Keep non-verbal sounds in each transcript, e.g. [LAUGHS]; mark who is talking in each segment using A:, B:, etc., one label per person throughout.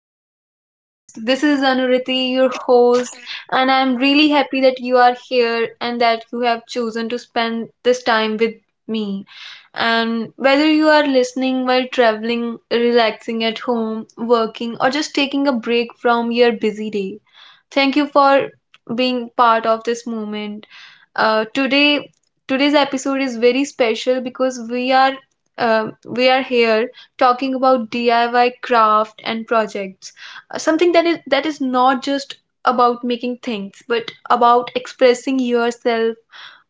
A: today's podcast. This is Anuriti, your host, and I'm really happy that you are here and that you have chosen to spend this time with me. And whether you are listening while traveling, relaxing at home, working, or just taking a break from your busy day, thank you for being part of this moment. Uh, today, today's episode is very special because we are here talking about DIY craft and projects, something that is not just about making things, but about expressing yourself,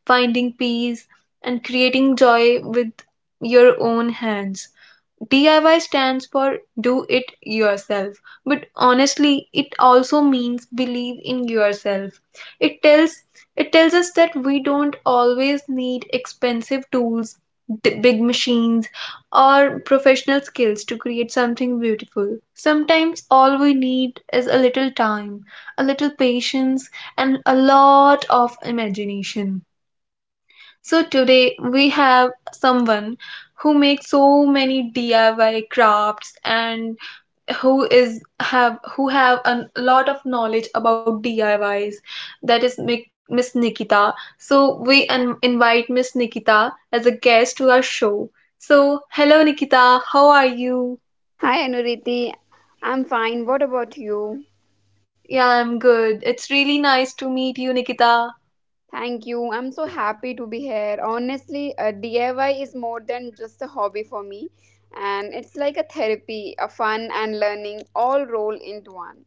A: finding peace, and creating joy with your own hands. DIY stands for do it yourself, but honestly, it also means believe in yourself. It tells it tells us that we don't always need expensive tools, big machines, or professional skills to create something beautiful. Sometimes all we need is a little time, a little patience, and a lot of imagination. So today we have someone who makes so many DIY crafts and who have a lot of knowledge about DIYs. That is Miss Nikita. So we invite Miss Nikita as a guest to our show. So hello Nikita, how are you?
B: Hi Anuriti, I'm fine. What about you?
A: Yeah, I'm good. It's really nice to meet you, Nikita.
B: Thank you. I'm so happy to be here. Honestly, DIY is more than just a hobby for me, and it's like a therapy, a fun and learning all roll into one.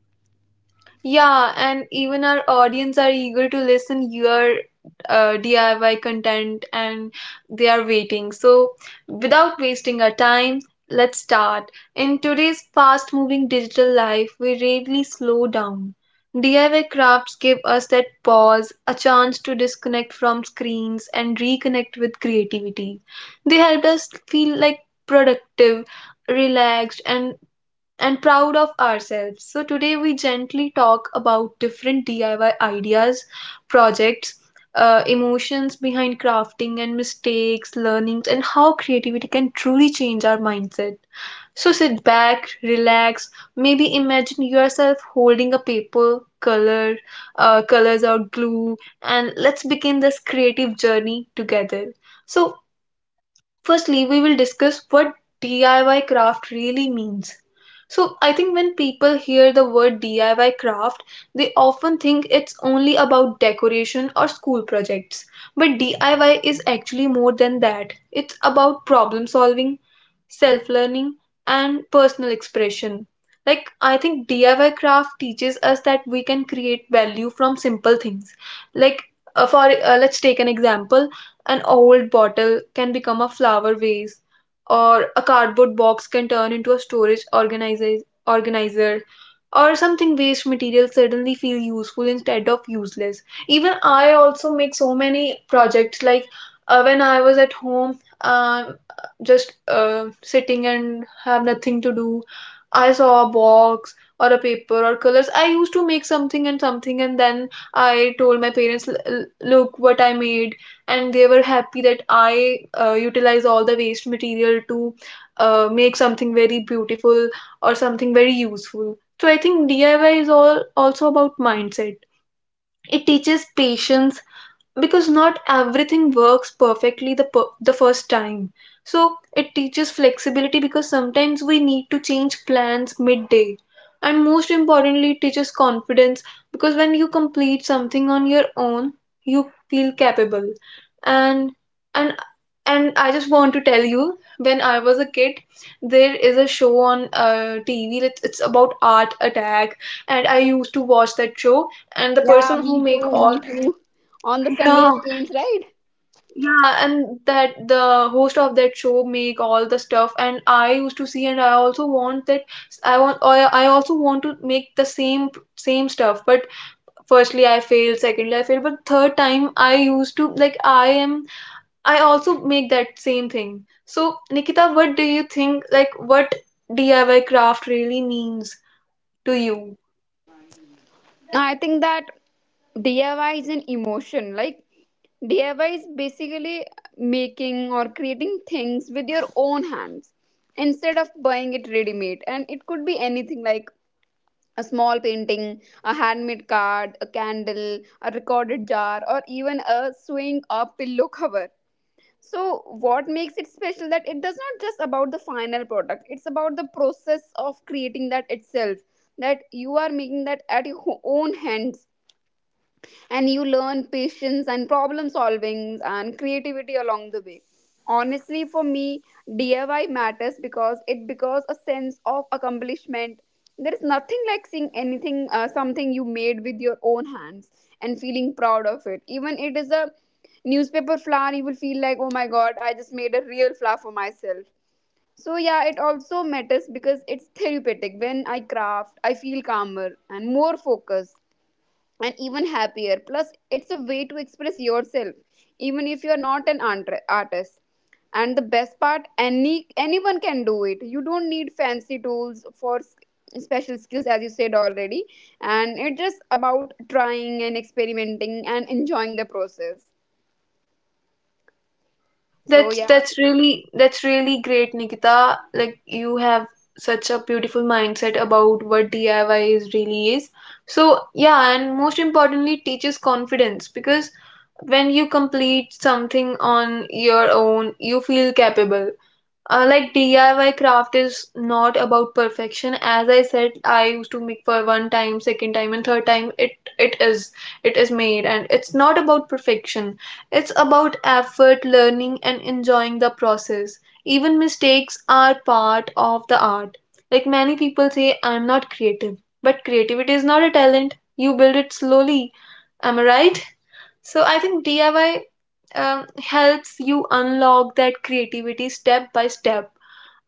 A: Yeah, and even our audience are eager to listen your DIY content and they are waiting. So, without wasting our time, let's start. In today's fast moving digital life, we rarely slow down. DIY crafts give us that pause, a chance to disconnect from screens and reconnect with creativity. They help us feel like productive, relaxed, and proud of ourselves. So, today we gently talk about different DIY ideas, projects, emotions behind crafting, and mistakes, learnings, and how creativity can truly change our mindset. So, sit back, relax, maybe imagine yourself holding a paper, colors, or glue, and let's begin this creative journey together. So, firstly, we will discuss what DIY craft really means. So, I think when people hear the word DIY craft, they often think it's only about decoration or school projects. But DIY is actually more than that, it's about problem solving, self learning, and personal expression. Like, I think DIY craft teaches us that we can create value from simple things. Like, for let's take an example, an old bottle can become a flower vase, or a cardboard box can turn into a storage organizer, or something waste material suddenly feel useful instead of useless. Even I also make so many projects like when I was at home, just sitting and have nothing to do. I saw a box or a paper or colors. I used to make something and something, and then I told my parents, Look what I made," and they were happy that I utilize all the waste material to make something very beautiful or something very useful. So I think DIY is all also about mindset. It teaches patience because not everything works perfectly the first time, so it teaches flexibility because sometimes we need to change plans midday, and most importantly it teaches confidence because when you complete something on your own you feel capable, and and and I just want to tell you, when I was a kid there is a show on tv. It's about art attack, and I used to watch that show, and the
B: Yeah,
A: person
B: me
A: who
B: too.
A: make
B: Me
A: all
B: too. On the
A: [LAUGHS]
B: Sunday
A: yeah,
B: it rains, right?
A: yeah, and that the host of that show make all the stuff, and I used to see, and I also want that. I also want to make the same stuff. But firstly, I failed. Secondly, I failed. But third time, I used to like I am. I also make that same thing. So Nikita, what do you think? Like, what DIY craft really means to you?
B: No, I think that DIY is an emotion. Like DIY is basically making or creating things with your own hands instead of buying it ready made. And it could be anything like a small painting, a handmade card, a candle, a recorded jar, or even a sewing or pillow cover. So what makes it special that it does not just about the final product, it's about the process of creating that itself. That you are making that at your own hands, and you learn patience and problem solving and creativity along the way. Honestly, for me, DIY matters because it because a sense of accomplishment. There is nothing like seeing anything something you made with your own hands and feeling proud of it. Even it is a newspaper flower, you will feel like, oh my god, I just made a real flower for myself. So yeah, it also matters because it's therapeutic. When I craft, I feel calmer and more focused and even happier. Plus, it's a way to express yourself, even if you're not an artist. And the best part, anyone can do it. You don't need fancy tools for special skills, as you said already. And it's just about trying and experimenting and enjoying the process. So
A: That's
B: yeah,
A: that's really that's really great, Nikita. Like you have such a beautiful mindset about what DIY is really is. So yeah, and most importantly, it teaches confidence because when you complete something on your own, you feel capable. Like DIY craft is not about perfection. As I said, I used to make for one time, second time, and third time. It is it is made, and it's not about perfection. It's about effort, learning, and enjoying the process. Even mistakes are part of the art. Like many people say, I'm not creative, but creativity is not a talent. You build it slowly. Am I right? So I think DIY helps you unlock that creativity step by step.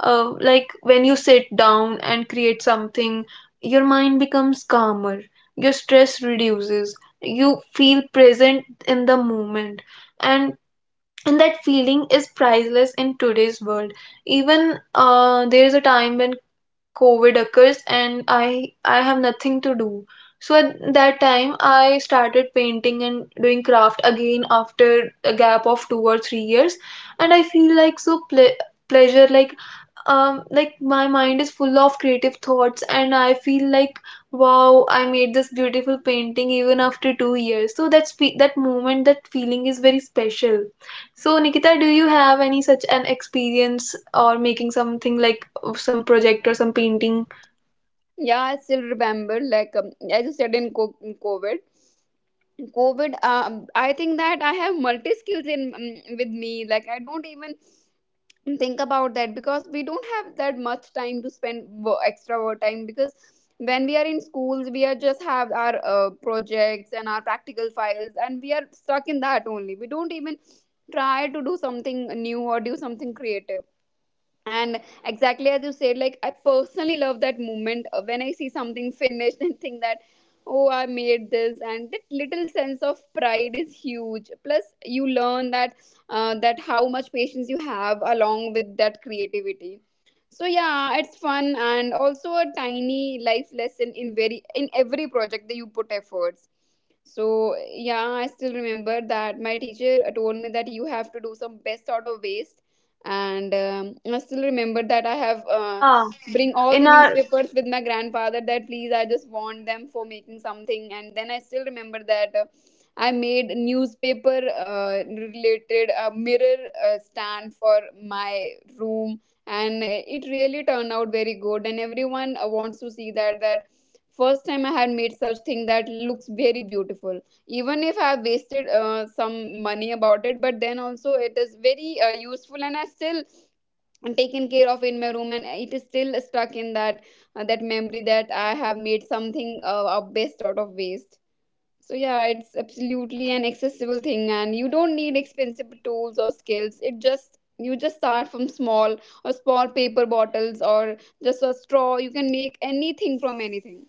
A: Like when you sit down and create something, your mind becomes calmer, your stress reduces, you feel present in the moment, and that feeling is priceless in today's world. Even there is a time when covid occurs and i have nothing to do, so at that time I started painting and doing craft again after a gap of 2 or 3 years, and I feel like so pleasure, like my mind is full of creative thoughts, and I feel like wow, I made this beautiful painting even after 2 years. So that moment, that feeling is very special. So Nikita, do you have any such an experience or making something like some project or some painting?
B: yeah, I still remember, like as you said in, in COVID. COVID, I think that I have multi skills in with me. Like I don't even and think about that, because we don't have that much time to spend extra work time, because when we are in schools we are just have our projects and our practical files, and we are stuck in that only. We don't even try to do something new or do something creative. And exactly as you said, like I personally love that moment when I see something finished [LAUGHS] and think that, oh, I made this. And that little sense of pride is huge. Plus you learn that that how much patience you have along with that creativity. So yeah, it's fun and also a tiny life lesson in very in every project that you put efforts. So yeah, I still remember that my teacher told me that you have to do some best out of waste. And I still remember that I have
A: Yeah,
B: bring all the
A: in our,
B: newspapers with my grandfather, that please, I just want them for making something. And then I still remember that I made newspaper related mirror stand for my room. And it really turned out very good, and everyone wants to see that, that first time I had made such thing that looks very beautiful. Even if I've wasted some money about it, but then also it is very useful, and I still taken care of in my room, and it is still stuck in that that memory that I have made something best out of waste. So yeah, it's absolutely an
A: that's
B: accessible thing, and you don't need expensive tools or skills. It just you just start from small, or small paper bottles, or just a straw. You can make anything from anything.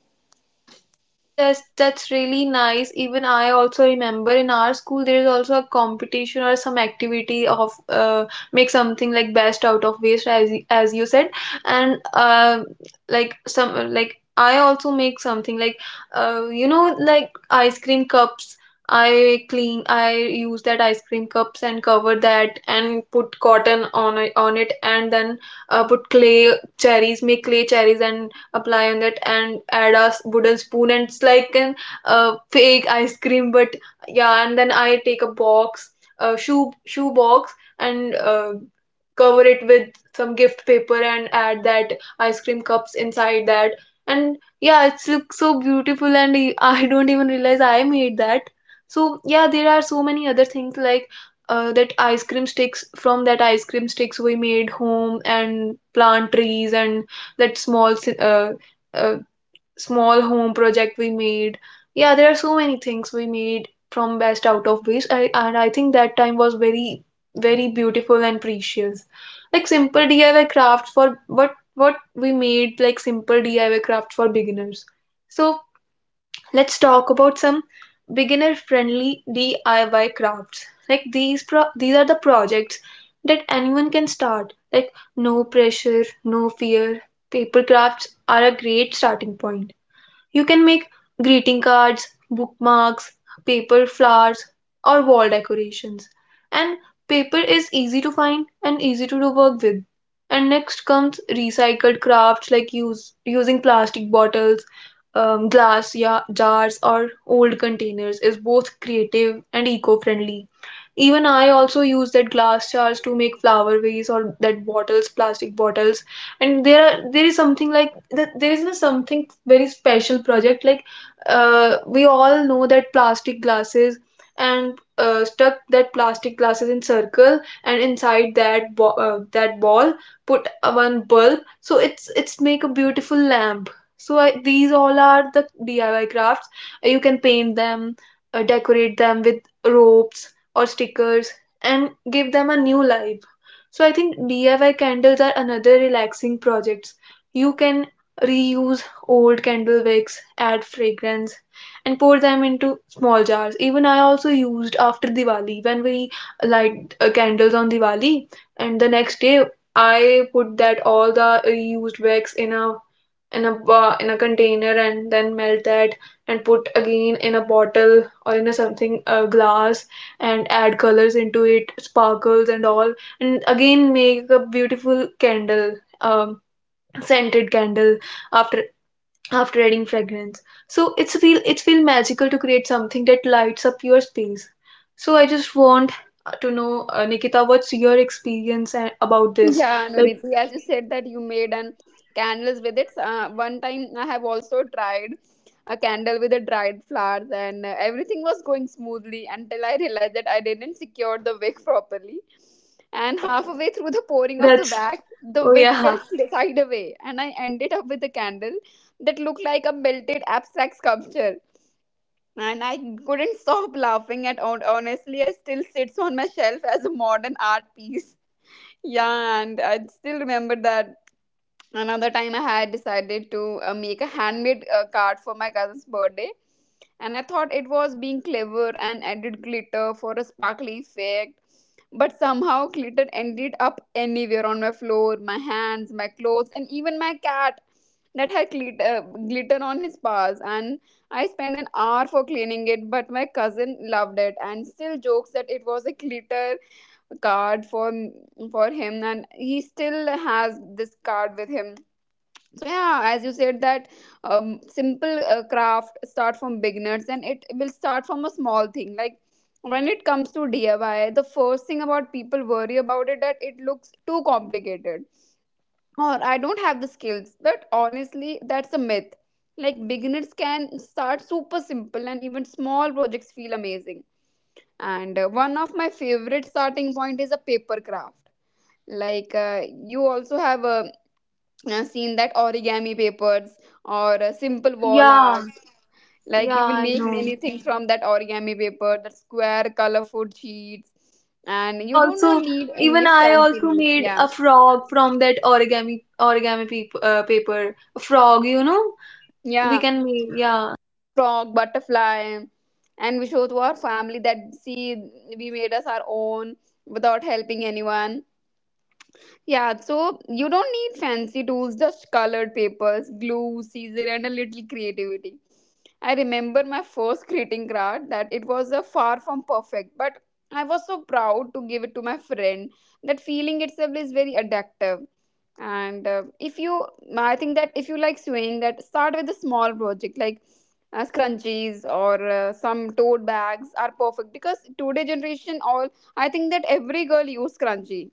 A: that's really nice. Even I also remember in our school there is also a competition or some activity of make something like best out of waste as as you said, and like some, like I also make something like, you know, like ice cream cups. I clean. I use that ice cream cups and cover that and put cotton on it, and then put clay cherries. Make clay cherries and apply on that and add a wooden spoon, and it's like an fake ice cream. But yeah, and then I take a box, a shoe box, and cover it with some gift paper and add that ice cream cups inside that, and yeah it looks so beautiful and [LAUGHS] I don't even realize I made that. So yeah, there are so many other things like that ice cream sticks, from that ice cream sticks we made home and plant trees, and that uh, small home project we made. Yeah, there are so many things we made from best out of waste I, and I think that time was very very beautiful and precious. Like simple diy craft for what we made, like simple diy craft for beginners. So let's talk about some beginner-friendly DIY crafts. Like these are the projects that anyone can start. Like no pressure, no fear. Paper crafts are a great starting point. You can make greeting cards, bookmarks, paper flowers, or wall decorations. And paper is easy to find and easy to do work with. And next comes recycled crafts like using plastic bottles, jars, or old containers is both creative and eco friendly. Even I also use that glass jars to make flower vase or that plastic bottles. And there is something like there is no something very special project, like we all know that plastic glasses, and stuck that plastic glasses in circle, and inside that that ball put one bulb, so it's make a beautiful lamp. So I, these all are the diy crafts. You can paint them, decorate them with ropes or stickers, and give them a new life. So I think diy candles are another relaxing projects. You can reuse old candle wicks, add fragrance, and pour them into small jars. Even I also used after Diwali, when we light candles on Diwali, and the next day I put that all the reused wicks in a in a container and then melt that and put again in a bottle or in a something glass, and add colors into it, sparkles and all, and again make a beautiful candle, um scented candle, after adding fragrance. So it's feel magical to create something that lights up your space. So I just want to know nikita, what's your experience about this
B: Yeah,
A: like
B: Nuriti, as you said that you made an candles with it. One time I have also tried a candle with the dried flowers, and everything was going smoothly until I realized that I didn't secure the wick properly. And halfway through the
A: [LAUGHS]
B: pouring of the
A: that's
B: wax, the
A: oh
B: wick
A: yeah
B: fell side away, and I ended up with a candle that looked like a melted abstract sculpture. And I couldn't stop laughing at it. Honestly, I still sits on my shelf as a modern art piece. Yeah, and I still remember that another time I had decided to make a handmade card for my cousin's birthday. And I thought it was being clever and added glitter for a sparkly effect. But somehow glitter ended up anywhere on my floor, my hands, my clothes, and even my cat that had glitter on his paws. And I spent an hour for cleaning it, but my cousin loved it and still jokes that it was a glitter card for him, and he still has this card with him. So yeah, as you said that, simple craft start from beginners, and it will start from a small thing. Like when it comes to DIY, the first thing about people worry about it, that it looks too complicated or I don't have the skills. But honestly, that's a myth. Like beginners can start super simple, and even small projects feel amazing. And one of my favorite starting point is a paper craft. Like you also have seen that origami papers or simple wall
A: yeah
B: art, like you
A: yeah
B: will
A: I
B: make
A: know
B: many things from that origami paper, that square colorful sheets.
A: I
B: And you do
A: also,
B: not need any
A: even I
B: fancy
A: also
B: needs.
A: made
B: Yeah.
A: a frog from that paper, a frog you know, we
B: Yeah,
A: can make, yeah,
B: frog, butterfly, and we show to our family that see, we made us our own, without helping anyone. Yeah, so you don't need fancy tools, just colored papers, glue, scissors, and a little creativity. I remember my first greeting card, that it was a far from perfect, but I was so proud to give it to my friend. That feeling itself is very addictive. And if you, I think that if you like sewing, that start with a small project, like scrunchies or some tote bags are perfect, because today generation all I think that every girl use scrunchie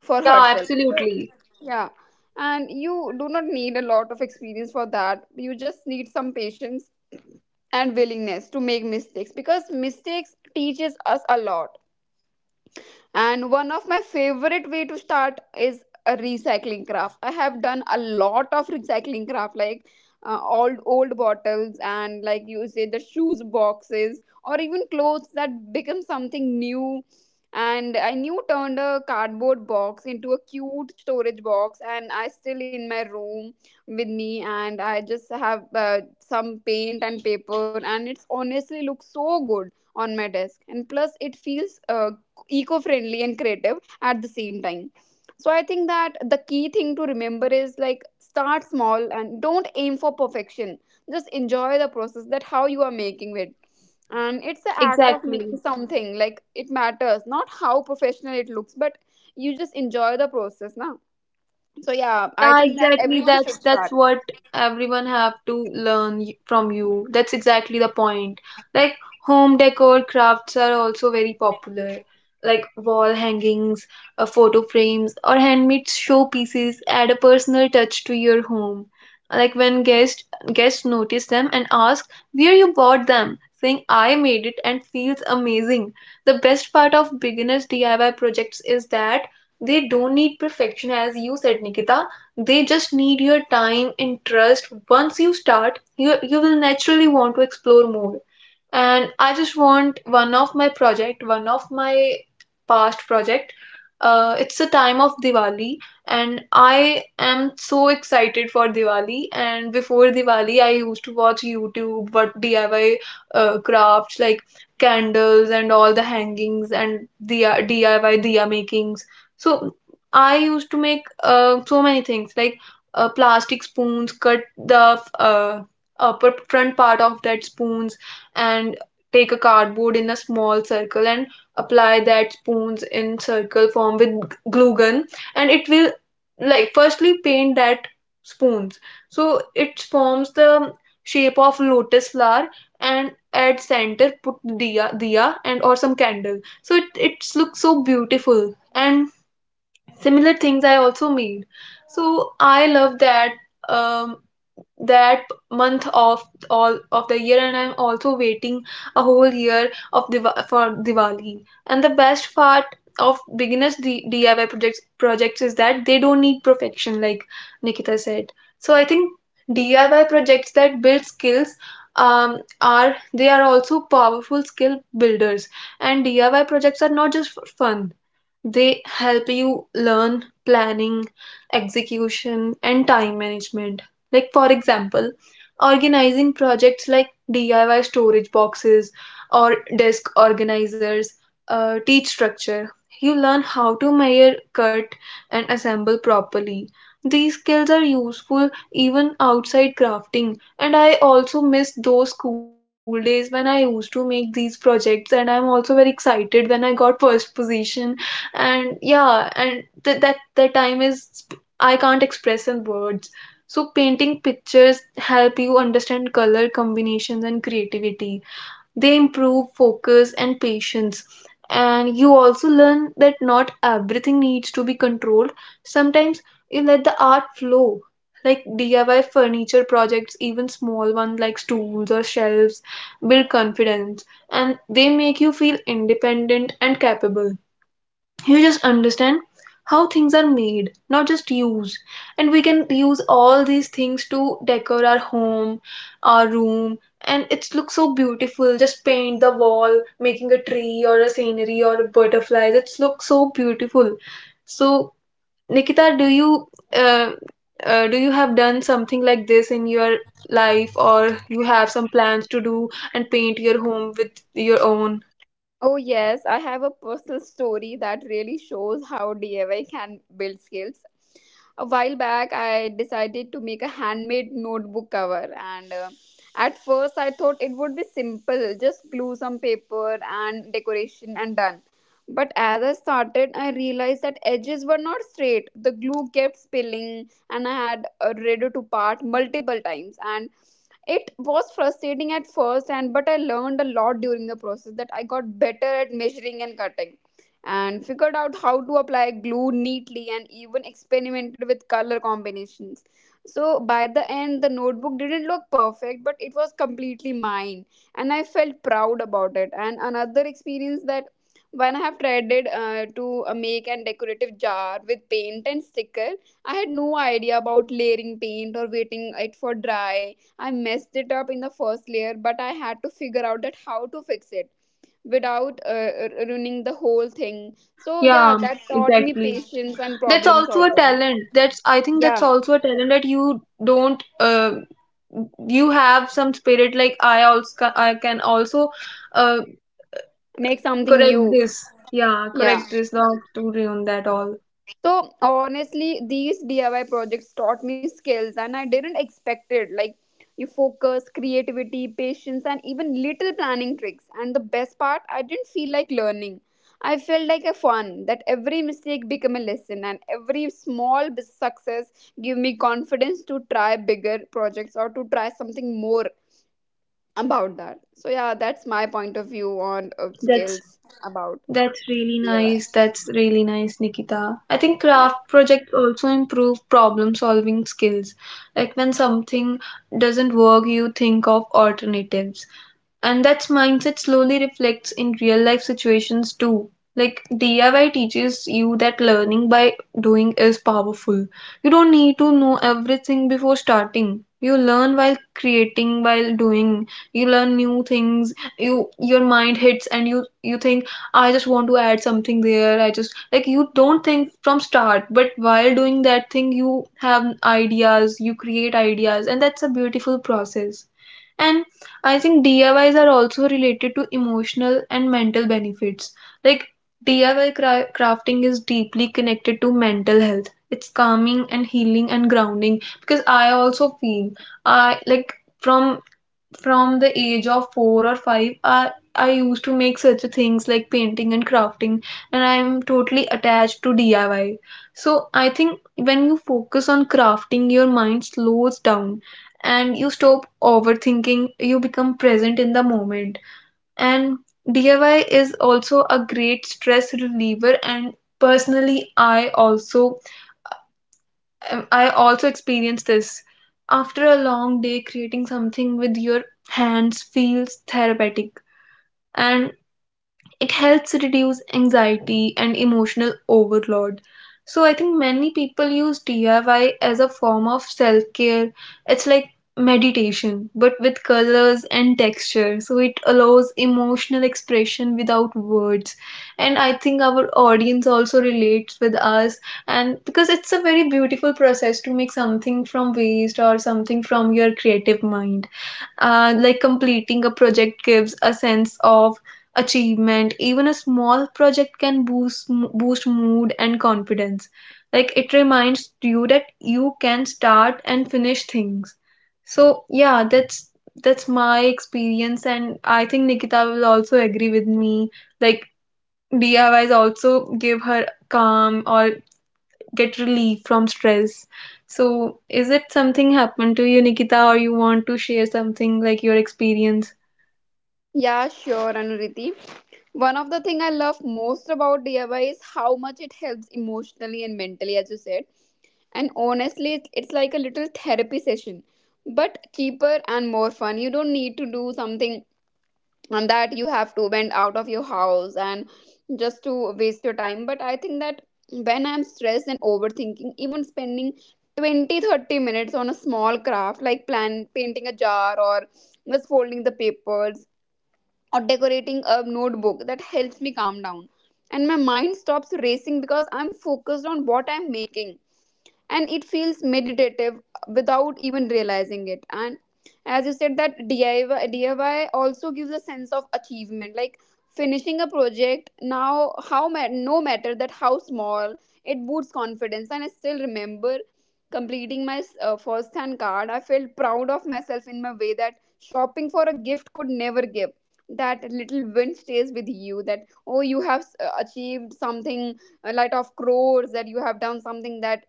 B: for
A: yeah
B: herself. So
A: absolutely,
B: yeah, and you do not need a lot of experience for that. You just need some patience and willingness to make mistakes, because mistakes teaches us a lot. And one of my favorite way to start is a recycling craft. I have done a lot of recycling craft, like old bottles and like you say, the shoes boxes, or even clothes that become something new. And I new turned a cardboard box into a cute storage box, and I still in my room with me. And I just have some paint and paper, and it's honestly looks so good on my desk. And plus it feels eco friendly and creative at the same time. So I think that the key thing to remember is, like start small and don't aim for perfection. Just enjoy the process, that how you are making it. And it's the act of
A: exactly.
B: making something, like it matters not how professional it looks, but you just enjoy the process now. So yeah, I
A: Yeah,
B: think that
A: exactly.
B: everyone
A: That's
B: should
A: that's
B: start.
A: what everyone have to learn from you. That's exactly the point. Like home decor crafts are also very popular, like wall hangings, photo frames, or handmade show pieces add a personal touch to your home. Like when guests notice them and ask where you bought them, saying I made it and feels amazing. The best part of beginners DIY projects is that they don't need perfection as you said, Nikita. They just need your time and trust. Once you start, you will naturally want to explore more. And I just want one of my past project. It's the time of Diwali, and I am so excited for Diwali. And before Diwali, I used to watch YouTube, what DIY crafts, like candles and all the hangings and the diya makings. So I used to make so many things, like plastic spoons, cut the uh, upper front part of that spoons, and take a cardboard in a small circle and apply that spoons in circle form with glue gun. And it will, like, firstly paint that spoons, so it forms the shape of lotus flower. And at center put diya and or some candle, so it's looks so beautiful. And similar things I also made. So I love that um that month of all of the year. And I'm also waiting a whole year of for Diwali. And the best part of beginners DIY projects is that they don't need perfection, like Nikita said. So I think DIY projects that build skills, are, they are also powerful skill builders. And DIY projects are not just for fun. They help you learn planning, execution, and time management. Like, for example, organizing projects like DIY storage boxes or desk organizers teach structure. You learn how to measure, cut, and assemble properly. These skills are useful even outside crafting. And I also miss those school days when I used to make these projects, and I'm also very excited when I got first position. And yeah, and that the time is I can't express in words. So painting pictures help you understand color combinations and creativity. They improve focus and patience, and you also learn that not everything needs to be controlled. Sometimes you let the art flow. Like DIY furniture projects, even small ones like stools or shelves, build confidence, and they make you feel independent and capable. You just understand how things are made, not just used. And we can use all these things to decor our home, our room, and it looks so beautiful. Just paint the wall making a tree or a scenery or a butterfly. It looks so beautiful. So Nikita, uh, do you have done something like this in your life, or you have some plans to do and paint your home with your own?
B: Oh, yes, I have a personal story that really shows how DIY can build skills. A while back, I decided to make a handmade notebook cover, and at first, I thought it would be simple, just glue some paper and decoration and done. But as I started, I realized that edges were not straight. The glue kept spilling, and I had ready to part multiple times. And it was frustrating at first, and but I learned a lot during the process, that I got better at measuring and cutting, and figured out how to apply glue neatly, and even experimented with color combinations. So by the end the notebook didn't look perfect, but it was completely mine, and I felt proud about it. And another experience, that when I have tried it to make a decorative jar with paint and sticker, I had no idea about layering paint or waiting it for dry. I messed it up in the first layer, but I had to figure out that how to fix it without ruining the whole thing. So yeah,
A: Yeah,
B: that taught me
A: exactly.
B: patience and
A: That's
B: problem
A: also a
B: solving.
A: talent. That's, I think that's
B: Yeah,
A: also a talent that you don't you have some spirit. Like, I also, I can also uh,
B: make something
A: correct
B: new.
A: this. Yeah,
B: Yeah.
A: correct this, not to ruin that all.
B: So honestly, these DIY projects taught me skills, and I didn't expect it. Like you focus, creativity, patience, and even little planning tricks. And the best part, I didn't feel like learning. I felt like a fun, that every mistake became a lesson, and every small success give me confidence to try bigger projects or to try something more about that. So yeah, that's my point of view on
A: That's
B: skills about DIY.
A: That's really nice, Nikita. I think craft projects also improve problem solving skills. Like when something doesn't work, you think of alternatives, and that mindset slowly reflects in real life situations too. Like DIY teaches you that learning by doing is powerful. You don't need to know everything before starting. You learn while creating, while doing. You learn new things. You your mind hits, and you think. I just want to add something there. I just, like, you don't think from start, but while doing that thing, you have ideas, you create ideas, and that's a beautiful process. And I think DIYs are also related to emotional and mental benefits. Like DIY crafting is deeply connected to mental health. It's calming and healing and grounding, because I also feel, I like, from from the age of four or five, I used to make such things like painting and crafting, and I am totally attached to DIY. So I think when you focus on crafting, your mind slows down and you stop overthinking. You become present in the moment. And DIY is also a great stress reliever. And personally, I also I also experienced this. After a long day, creating something with your hands feels therapeutic. And it helps reduce anxiety and emotional overload. So I think many people use DIY as a form of self care. It's like meditation, but with colors and texture. So it allows emotional expression without words. And I think our audience also relates with us, and because it's a very beautiful process to make something from waste or something from your creative mind. Like completing a project gives a sense of achievement. Even a small project can boost mood and confidence. Like it reminds you that you can start and finish things. So yeah, that's my experience, and I think Nikita will also agree with me. Like DIYs also give her calm or get relief from stress. So, is it something happened to you, Nikita, or you want to share something like your experience?
B: Yeah, sure, Anuriti. One of the thing I love most about DIY is how much it helps emotionally and mentally, as you said. And honestly, it's like a little therapy session, but cheaper and more fun. You don't need to do something on that you have to bend out of your house and just to waste your time. But I think that when I'm stressed and overthinking, even spending 20, 30 minutes on a small craft like plan painting a jar, or just folding the paper, or decorating a notebook, that helps me calm down and my mind stops racing because I'm focused on what I'm making, and it feels meditative without even realizing it. And as you said, that DIY also gives a sense of achievement. Like finishing a project, now no matter that how small, it boosts confidence. And I still remember completing my first hand card. I felt proud of myself in my way that shopping for a gift could never give. That little win stays with you, that oh, you have achieved something, a lot of crores, that you have done something that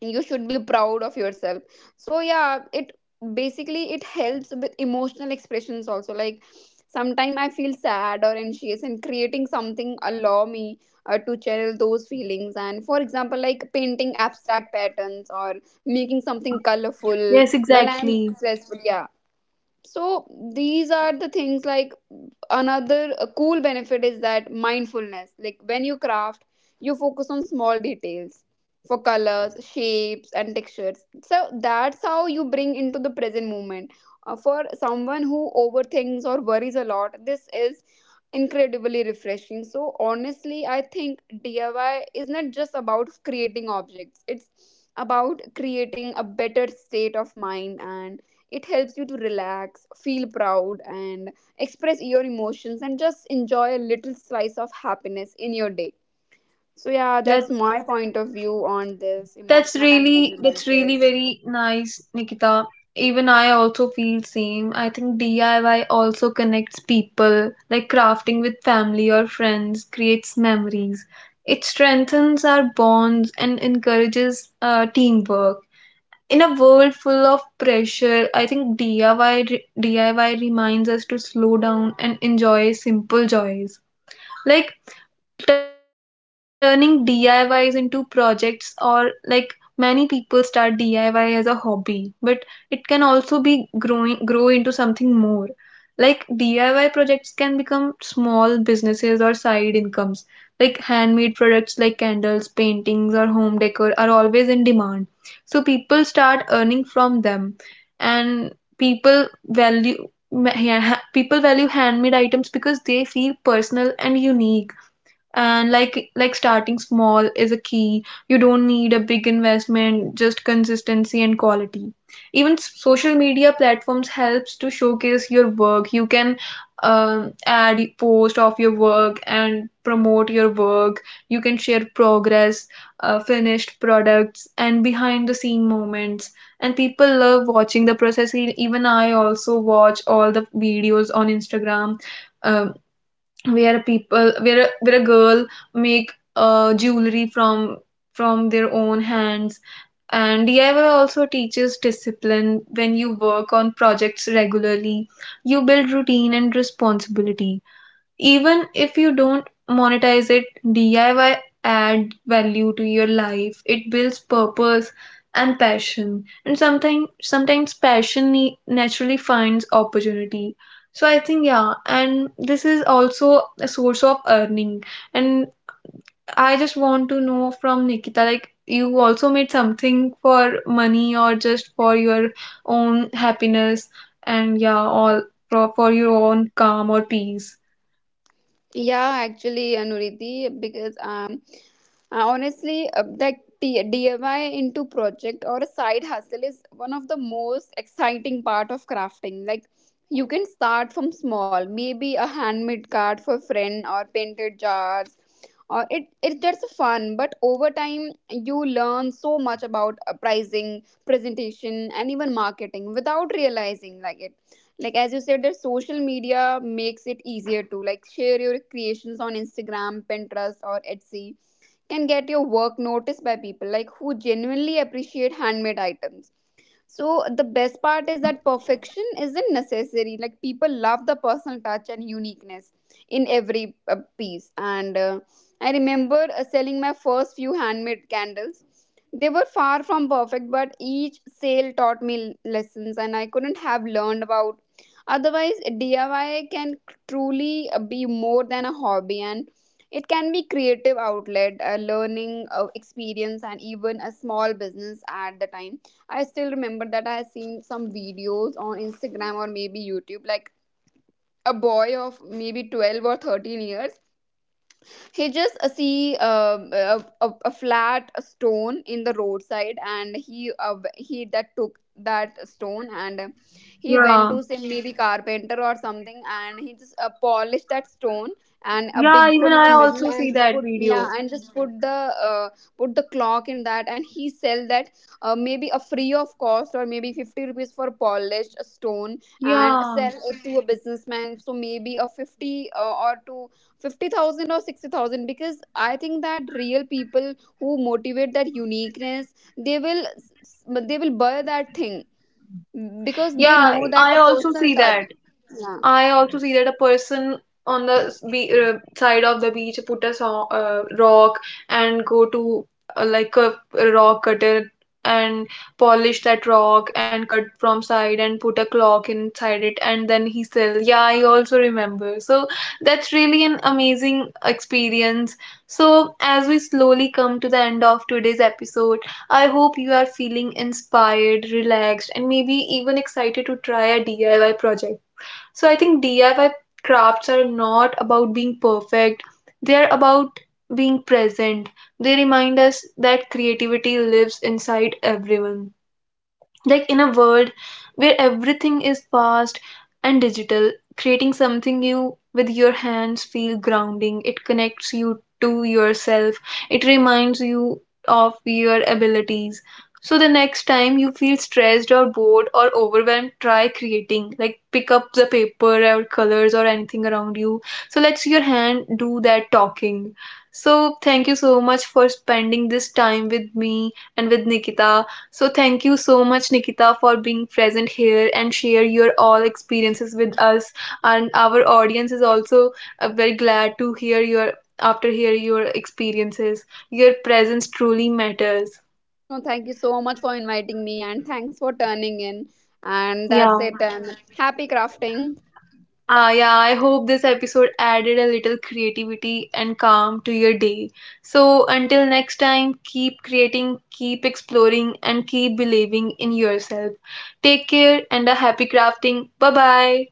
B: you should be proud of yourself. So yeah, it basically it helps with emotional expressions also. Like sometimes I feel sad or anxious and creating something allow me to channel those feelings, and for example like painting abstract patterns or making
A: Yeah,
B: something colorful
A: yes,
B: well I'm
A: exactly.
B: stressful, yeah. So these are the things, like another cool benefit is that mindfulness. Like when you craft, you focus on small details for colors, shapes and textures, so that's how you bring into the present moment. For someone who overthinks or worries a lot, this is incredibly refreshing. So honestly, I think DIY is not just about creating objects, it's about creating a better state of mind. And it helps you to relax, feel proud, and express your emotions, and just enjoy a little slice of happiness in your day. So, yeah, that's
A: That's
B: my point of view on this emotional and mental
A: that's really
B: benefits.
A: very nice, Nikita. Even I also feel same. I think DIY also connects people, like crafting with family or friends, creates memories. It strengthens our bonds and encourages teamwork. In a world full of pressure, I think DIY reminds us to slow down and enjoy simple joys. Like turning DIYs into projects, or like many people start DIY as a hobby, but it can also be grow into something more. Like DIY projects can become small businesses or side incomes. Like handmade products like candles, paintings or home decor are always in demand. So people start earning from them. And people value, yeah, people value handmade items because they feel personal and unique. And like starting small is a key. You don't need a big investment, just consistency and quality. Even social media platforms helps to showcase your work. You can add post of your work and promote your work. You can share progress, finished products, and behind the scene moments. And people love watching the process. Even I also watch all the videos on Instagram, um, where people, where a girl make jewelry from their own hands. And DIY also teaches discipline. When you work on projects regularly, you build routine and responsibility. Even if you don't monetize it, DIY add value to your life. It builds purpose and passion. And sometimes passion naturally finds opportunity. So I think yeah, and this is also a source of earning. And I just want to know from Nikita, like, you also made something for money, or just for your own happiness, and yeah all for your own calm or peace.
B: Yeah, actually, Anuriti, because honestly, DIY into project or a side hustle is one of the most exciting part of crafting. Like you can start from small, maybe a handmade card for friend or painted jars, or it's just fun. But over time, you learn so much about pricing, presentation, and even marketing without realizing like it, like as you said that social media makes it easier to like share your creations on Instagram, Pinterest or Etsy, can get your work noticed by people like who genuinely appreciate handmade items. So the best part
A: Yeah.
B: is that perfection isn't necessary. Like people love the personal touch and uniqueness in every piece. And I remember selling my first few handmade candles. They were far from perfect, but each sale taught me lessons and I couldn't have learned about otherwise. DIY can truly be more than a hobby, and it can be creative outlet, a learning experience, and even a small business. At the time, I still remember that I had seen some videos on Instagram or maybe YouTube, like a boy of maybe 12 or 13 years, he just see a flat stone in the roadside, and he that took that stone and he went
A: Yeah,
B: to say maybe carpenter or something, and he just polished that stone and a
A: Yeah,
B: big
A: even
B: hole in the
A: I
B: middle
A: also see
B: and
A: that
B: put, yeah,
A: video.
B: and just uh, put the clock in that, and he sell that maybe a free of cost or maybe 50 rupees for polished stone and
A: Yeah.
B: sell it to a businessman. So maybe a 50 uh, or to 50,000 or 60,000, because I think that real people who motivate that uniqueness, they will s- s- but they will buy that thing because they
A: Yeah,
B: know that
A: I
B: the
A: also
B: personal
A: see
B: touch,
A: that.
B: yeah.
A: I also see that a person on the side of the beach put a rock and go to like a rock cutter and polish that rock and cut from side and put a clock inside it, and then he sell. Yeah, I also remember. So that's really an amazing experience. So as we slowly come to the end of today's episode, I hope you are feeling inspired, relaxed, and maybe even excited to try a DIY project. So I think DIY crafts are not about being perfect, they are about being present. They remind us that creativity lives inside everyone. Like in a world where everything is fast and digital, creating something you with your hands feel grounding. It connects you to yourself. It reminds you of your abilities. So the next time you feel stressed or bored or overwhelmed, try creating. Like pick up the paper or colors or anything around you. So let your hand do that talking. So thank you so much for spending this time with me and with Nikita. So thank you so much, Nikita, for being present here and share your all experiences with us. And our audience is also very glad to hear your, after hear your experiences. Your presence truly matters.
B: No, thank you so much for inviting me and thanks for turning in, and that's
A: Yeah.
B: it, and happy crafting.
A: Yeah, I hope this episode added a little creativity and calm to your day. So, until next time, keep creating, keep exploring, and keep believing in yourself. Take care and a happy crafting. Bye bye.